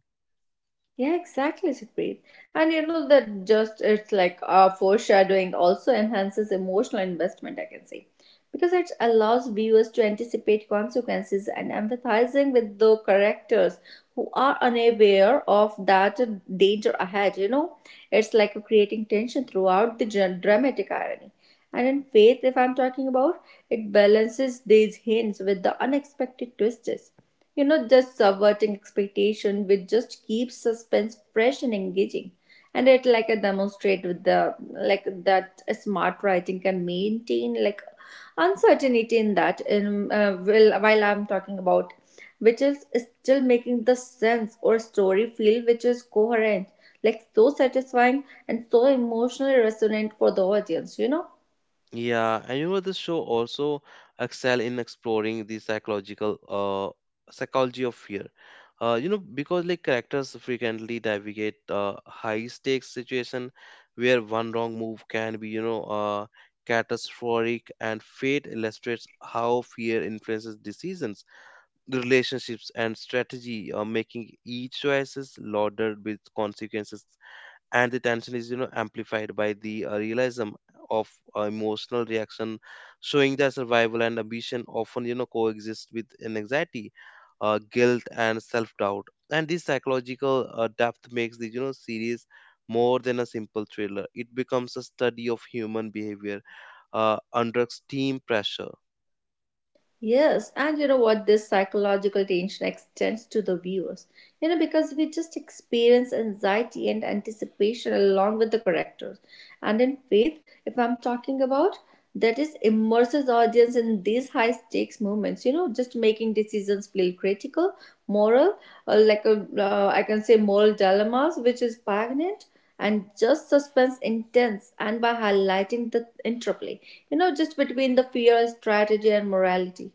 Yeah, exactly, Sukrit. And you know that just it's like uh, foreshadowing also enhances emotional investment, I can say, because it allows viewers to anticipate consequences and empathizing with the characters who are unaware of that danger ahead. You know, it's like creating tension throughout the dra- dramatic irony. And in Faith, if I'm talking about, it balances these hints with the unexpected twists, you know, just subverting expectation, which just keeps suspense fresh and engaging. And it like a demonstrate with the like that smart writing can maintain like uncertainty in that. In uh, while while I'm talking about, which is still making the sense or story feel which is coherent, like so satisfying and so emotionally resonant for the audience, you know. Yeah, and you know this show also excel in exploring the psychological uh psychology of fear. Uh, you know, because like characters frequently navigate uh, high stakes situation where one wrong move can be, you know, uh, catastrophic, and Fate illustrates how fear influences decisions, relationships, and strategy, uh, making each choice is loaded with consequences, and the tension is, you know, amplified by the uh, realism of uh, emotional reaction, showing that survival and ambition often, you know, coexist with an anxiety, uh, guilt, and self-doubt. And this psychological uh, depth makes the, you know, series more than a simple thriller. It becomes a study of human behavior uh, under extreme pressure. Yes, and you know what? This psychological tension extends to the viewers. You know, because we just experience anxiety and anticipation along with the characters. And in Faith, if I'm talking about, that is immerses audience in these high stakes moments. You know, just making decisions feel critical, moral, uh, like a, uh, I can say moral dilemmas, which is poignant and just suspense intense and by highlighting the interplay, you know, just between the fear strategy and morality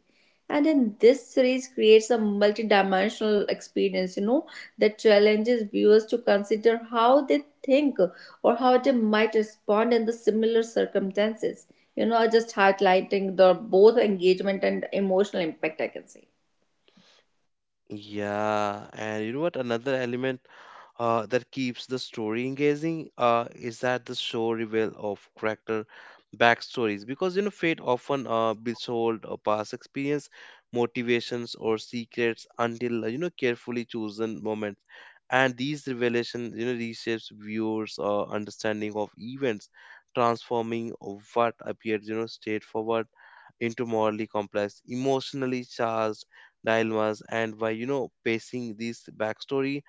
and in this series creates a multi-dimensional experience, you know, that challenges viewers to consider how they think or how they might respond in the similar circumstances, you know, just highlighting the both engagement and emotional impact, I can say. Yeah, and you know what, another element uh, that keeps the story engaging uh, is that the show reveal of character backstories, because, you know, Fate often uh, withhold uh, past experience, motivations, or secrets until, uh, you know, carefully chosen moments. And these revelations, you know, reshapes viewers' uh, understanding of events, transforming of what appeared, you know, straightforward into morally complex, emotionally charged dilemmas. And by, you know, pacing this backstory,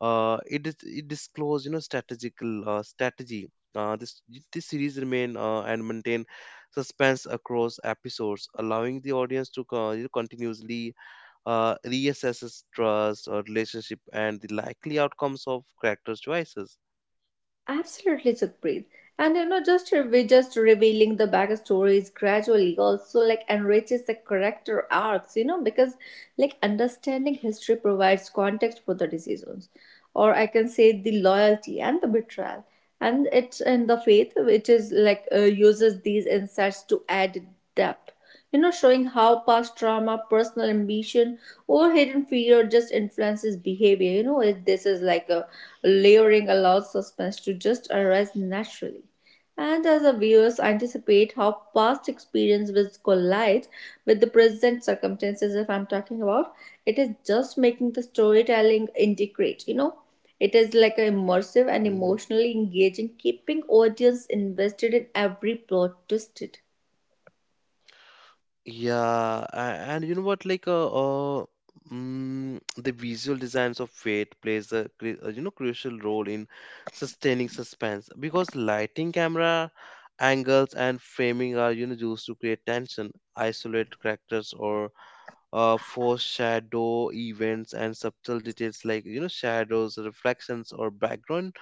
uh, it is it disclose, you know, strategical uh, strategy. Uh, this this series remain uh, and maintain suspense across episodes, allowing the audience to co- you know, continuously uh, reassess trust, or relationship, and the likely outcomes of characters' choices. Absolutely, Sukhpreet. And you know, just we just revealing the backstories gradually also like enriches the character arcs, you know, because like understanding history provides context for the decisions. Or I can say the loyalty and the betrayal. And it's in the faith which is like uh, uses these insights to add depth. You know, showing how past trauma, personal ambition, or hidden fear just influences behavior. You know, it, this is like a layering allows suspense to just arise naturally. And as the viewers anticipate how past experience will collide with the present circumstances, if I'm talking about, it is just making the storytelling integrate, you know. It is like an immersive and Mm-hmm. emotionally engaging, keeping audience invested in every plot twisted. Yeah, a- and you know what? Like, uh, uh mm, the visual designs of Fate plays a cru- uh, you know crucial role in sustaining suspense because lighting, camera angles, and framing are, you know, used to create tension, isolate characters, or uh, foreshadow events. And subtle details like, you know, shadows, reflections, or background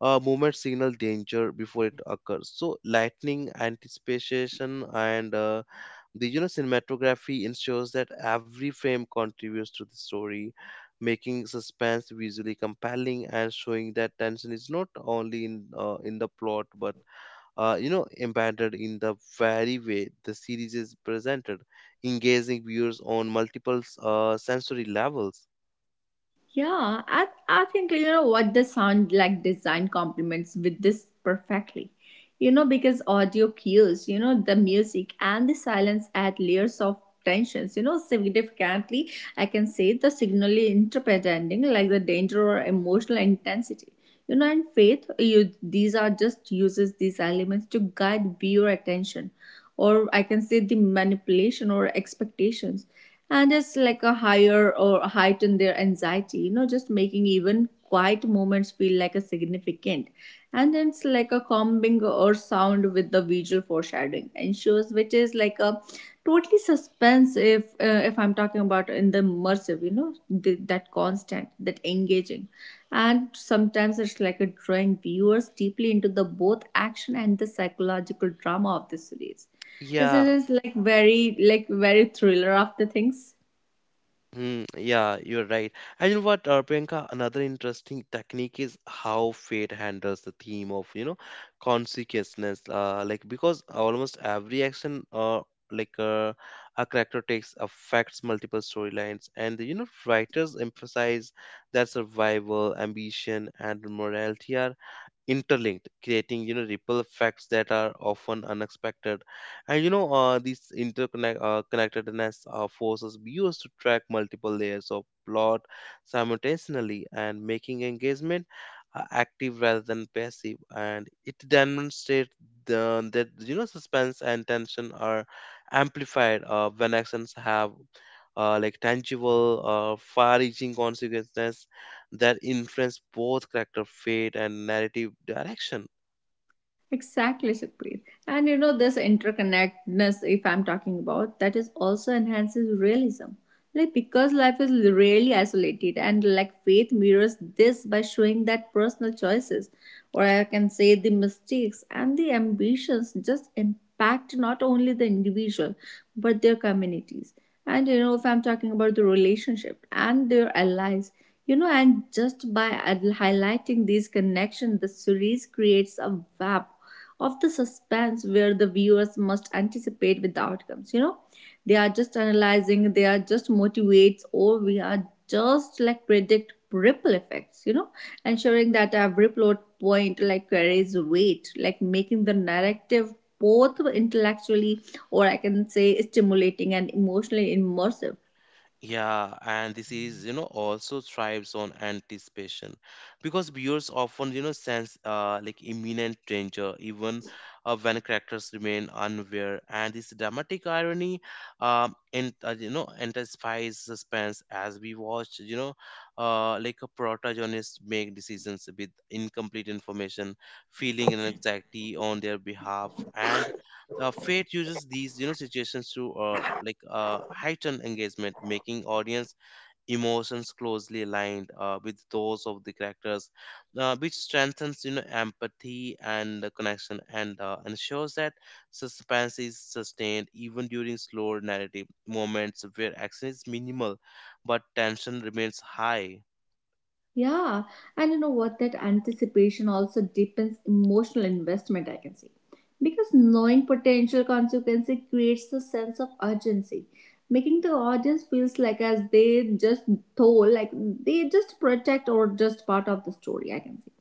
uh, movement signal danger before it occurs. So, lightning, anticipation, and uh, the you know cinematography ensures that every frame contributes to the story, making suspense visually compelling, and showing that tension is not only in uh, in the plot but uh, you know embedded in the very way the series is presented, engaging viewers on multiple uh, sensory levels. Yeah, I, I think you know what the sound like design complements with this perfectly. You know, because audio cues, you know, the music and the silence add layers of tensions, you know, significantly. I can say the signally interpreting like the danger or emotional intensity. You know, and faith, you these are just uses these elements to guide viewer attention. Or I can say the manipulation or expectations and it's like a higher or heighten their anxiety, you know, just making even quiet moments feel like a significant and it's like a combing or sound with the visual foreshadowing and shows, which is like a totally suspense if uh, if I'm talking about in the immersive, you know, the, that constant that engaging and sometimes it's like a drawing viewers deeply into the both action and the psychological drama of the series. It Yeah. is like very like very thriller of the things. Hmm, yeah, you're right. And you know what, uh, Priyanka, another interesting technique is how Fate handles the theme of, you know, consequences. Uh, like because almost every action, uh, like uh, a character takes affects multiple storylines, and, you know, writers emphasize that survival, ambition, and morality are interlinked, creating, you know, ripple effects that are often unexpected. And, you know, uh, this interconnect uh, connectedness uh, forces viewers to track multiple layers of plot simultaneously, and making engagement uh, active rather than passive. And it demonstrates the, that, you know, suspense and tension are amplified uh, when actions have uh, like tangible, uh, far-reaching consequences that influence both character fate and narrative direction. Exactly, Sukhpreet. And you know, this interconnectedness, if I'm talking about, that is also enhances realism. Like, because life is really isolated, and like faith mirrors this by showing that personal choices, or I can say the mistakes and the ambitions, just impact not only the individual but their communities. And you know, if I'm talking about the relationship and their allies, you know, and just by ad- highlighting these connections, the series creates a web of the suspense where the viewers must anticipate with the outcomes, you know, they are just analyzing they are just motivates or we are just like predict ripple effects, you know, ensuring that every plot point like carries weight like making the narrative both intellectually or I can say stimulating and emotionally immersive. Yeah, and this is, you know, also thrives on anticipation because viewers often, you know, sense uh, like imminent danger even uh, when characters remain unaware. And this dramatic irony, um, and uh, you know, intensifies suspense as we watch, you know, uh, like a protagonist make decisions with incomplete information, feeling an anxiety on their behalf. And uh, Fate uses these, you know, situations to uh, like uh, heighten engagement, making audience emotions closely aligned uh, with those of the characters, uh, which strengthens, you know, empathy and the connection, and uh, ensures that suspense is sustained even during slower narrative moments where action is minimal but tension remains high. Yeah, and you know what? That anticipation also deepens emotional investment, I can say. Because knowing potential consequences creates a sense of urgency, making the audience feels like as they just told, like they just protect or just part of the story, I can say.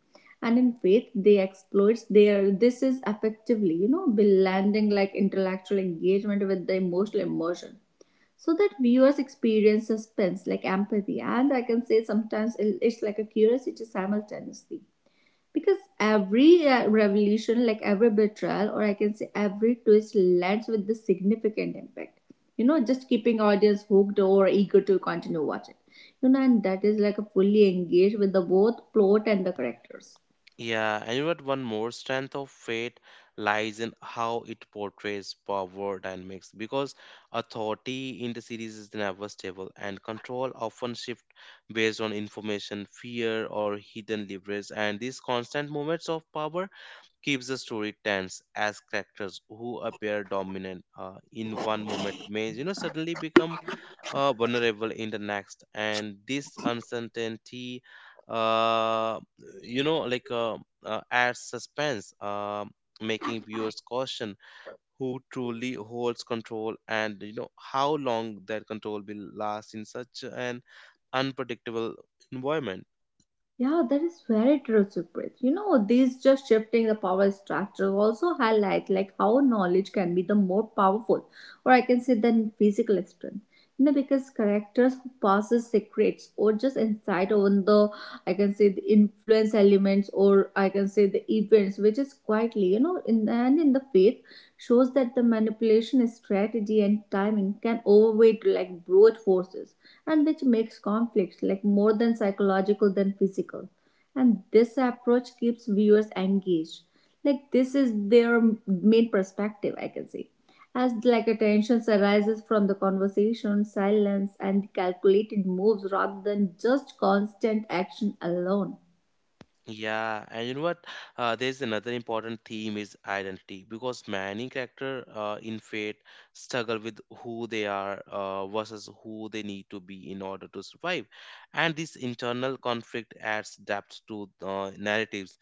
And in faith, they exploits their this is effectively, you know, blending like intellectual engagement with the emotional immersion so that viewers experience suspense like empathy and I can say sometimes it's like a curiosity simultaneously because every uh, revolution like every betrayal or I can say every twist lands with the significant impact, you know, just keeping audience hooked or eager to continue watching, you know, and that is like a fully engaged with the both plot and the characters. Yeah, and you know what? One more strength of Fate lies in how it portrays power dynamics, because authority in the series is never stable, and control often shift based on information, fear, or hidden leverage. And these constant moments of power keeps the story tense, as characters who appear dominant uh, in one moment may, you know, suddenly become uh, vulnerable in the next. And this uncertainty, uh, you know like uh, uh, adds suspense, uh, making viewers caution who truly holds control, and, you know, how long that control will last in such an unpredictable environment. Yeah, that is very true, Supreet. You know, these just shifting the power structure also highlight like how knowledge can be the more powerful, or I can say than physical strength. You know, because characters who passes secrets or just insight on the I can say the influence elements or I can say the events which is quietly, you know, in and in the faith shows that the manipulation strategy and timing can overweight like brute forces and which makes conflicts like more than psychological than physical and this approach keeps viewers engaged like this is their main perspective I can say as like attention arises from the conversation silence and calculated moves rather than just constant action alone. Yeah, and you know what? Uh, there's another important theme is identity, because many character uh, in Fate struggle with who they are uh, versus who they need to be in order to survive, and this internal conflict adds depth to uh, narratives.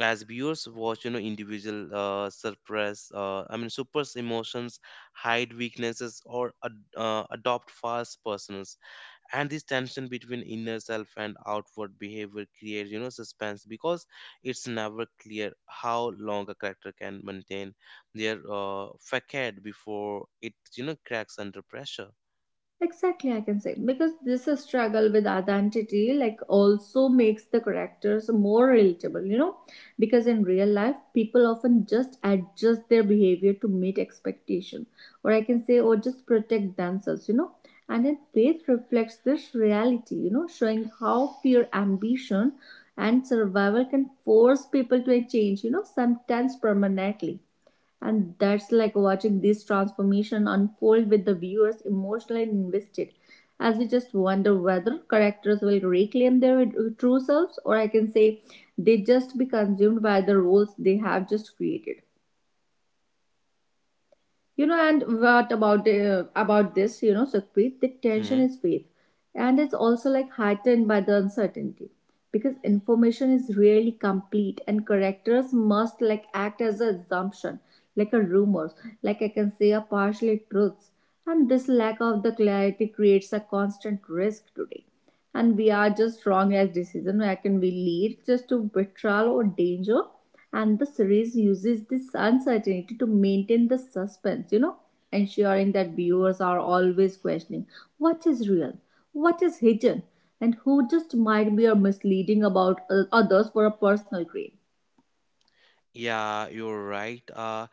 As viewers watch, you know, individual uh, suppress, uh, I mean, suppress emotions, hide weaknesses, or ad- uh, adopt false personas. And this tension between inner self and outward behavior creates, you know, suspense because it's never clear how long a character can maintain their uh, facade before it, you know, cracks under pressure. Exactly, I can say because this is struggle with identity, like, also makes the characters more relatable, you know. Because in real life, people often just adjust their behavior to meet expectation, or I can say, or just protect themselves, you know. And then faith reflects this reality, you know, showing how fear, ambition, and survival can force people to a change, you know, sometimes permanently and that's like watching this transformation unfold with the viewers emotionally invested as we just wonder whether characters will reclaim their true selves or I can say they just be consumed by the roles they have just created. You know, and what about uh, about this? You know, Sukhpreet, the Hmm. tension is faith, and it's also like heightened by the uncertainty because information is rarely complete, and characters must like act as an assumption, like a rumors, like I can say, a partially truths, and this lack of the clarity creates a constant risk today and we are just wrong as decision where can we lead just to betrayal or danger and the series uses this uncertainty to maintain the suspense, you know, ensuring that viewers are always questioning what is real, what is hidden, and who just might be or misleading about uh, others for a personal gain. Yeah, you're right. uh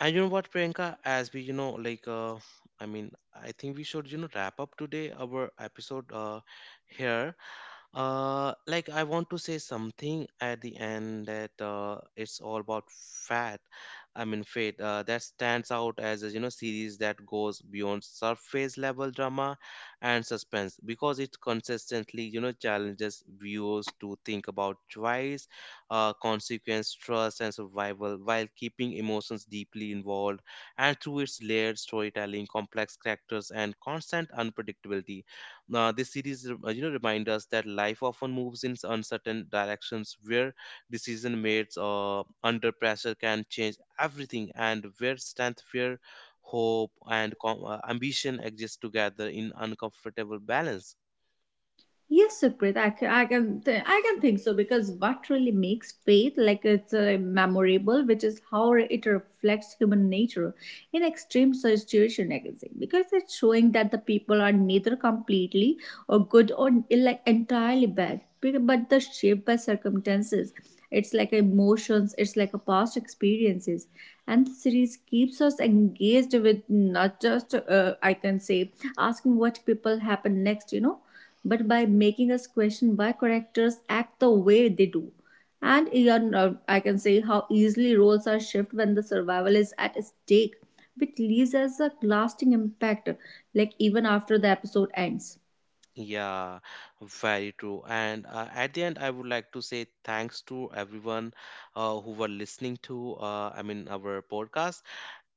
and you know what, Priyanka, as we, you know like uh i mean I think we should, you know, wrap up today our episode uh here Uh, like I want to say something at the end, that uh, it's all about fat. I mean, Fate, uh, that stands out as a, you know, series that goes beyond surface level drama and suspense, because it consistently, you know, challenges viewers to think about choice, uh, consequence, trust, and survival while keeping emotions deeply involved. And through its layered storytelling, complex characters, and constant unpredictability, uh, this series, uh, you know, remind us that life often moves in uncertain directions, where decision made uh, under pressure can change everything, and where strength, fear, hope, and com- uh, ambition exist together in uncomfortable balance. Yes, Suprit, I can, I can, th- I can think so because what really makes faith like it's uh, memorable, which is how it reflects human nature in extreme situation, I can say, because it's showing that the people are neither completely or good or like entirely bad, be- but they're shaped by circumstances. It's like emotions, it's like a past experiences, and the series keeps us engaged with not just uh, I can say asking what people happen next, you know, but by making us question why characters act the way they do. And uh, I can say how easily roles are shifted when the survival is at stake, which leaves us a lasting impact, like even after the episode ends. Yeah, very true. And uh, at the end, I would like to say thanks to everyone uh, who were listening to, uh, I mean, our podcast.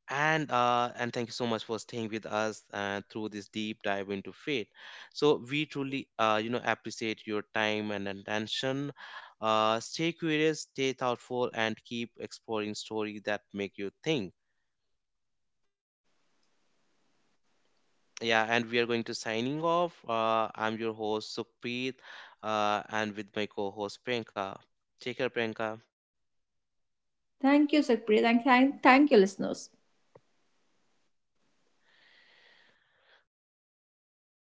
and uh, and thank you so much for staying with us uh, through this deep dive into Faith. So we truly, uh, you know, appreciate your time and attention. Uh, stay curious, stay thoughtful, and keep exploring stories that make you think. Yeah, and we are going to signing off. uh, I'm your host, Sukhpreet, uh, and with my co-host, Priyanka. Take care, Priyanka. Thank you, Sakpriya. Thank, thank, thank you, listeners.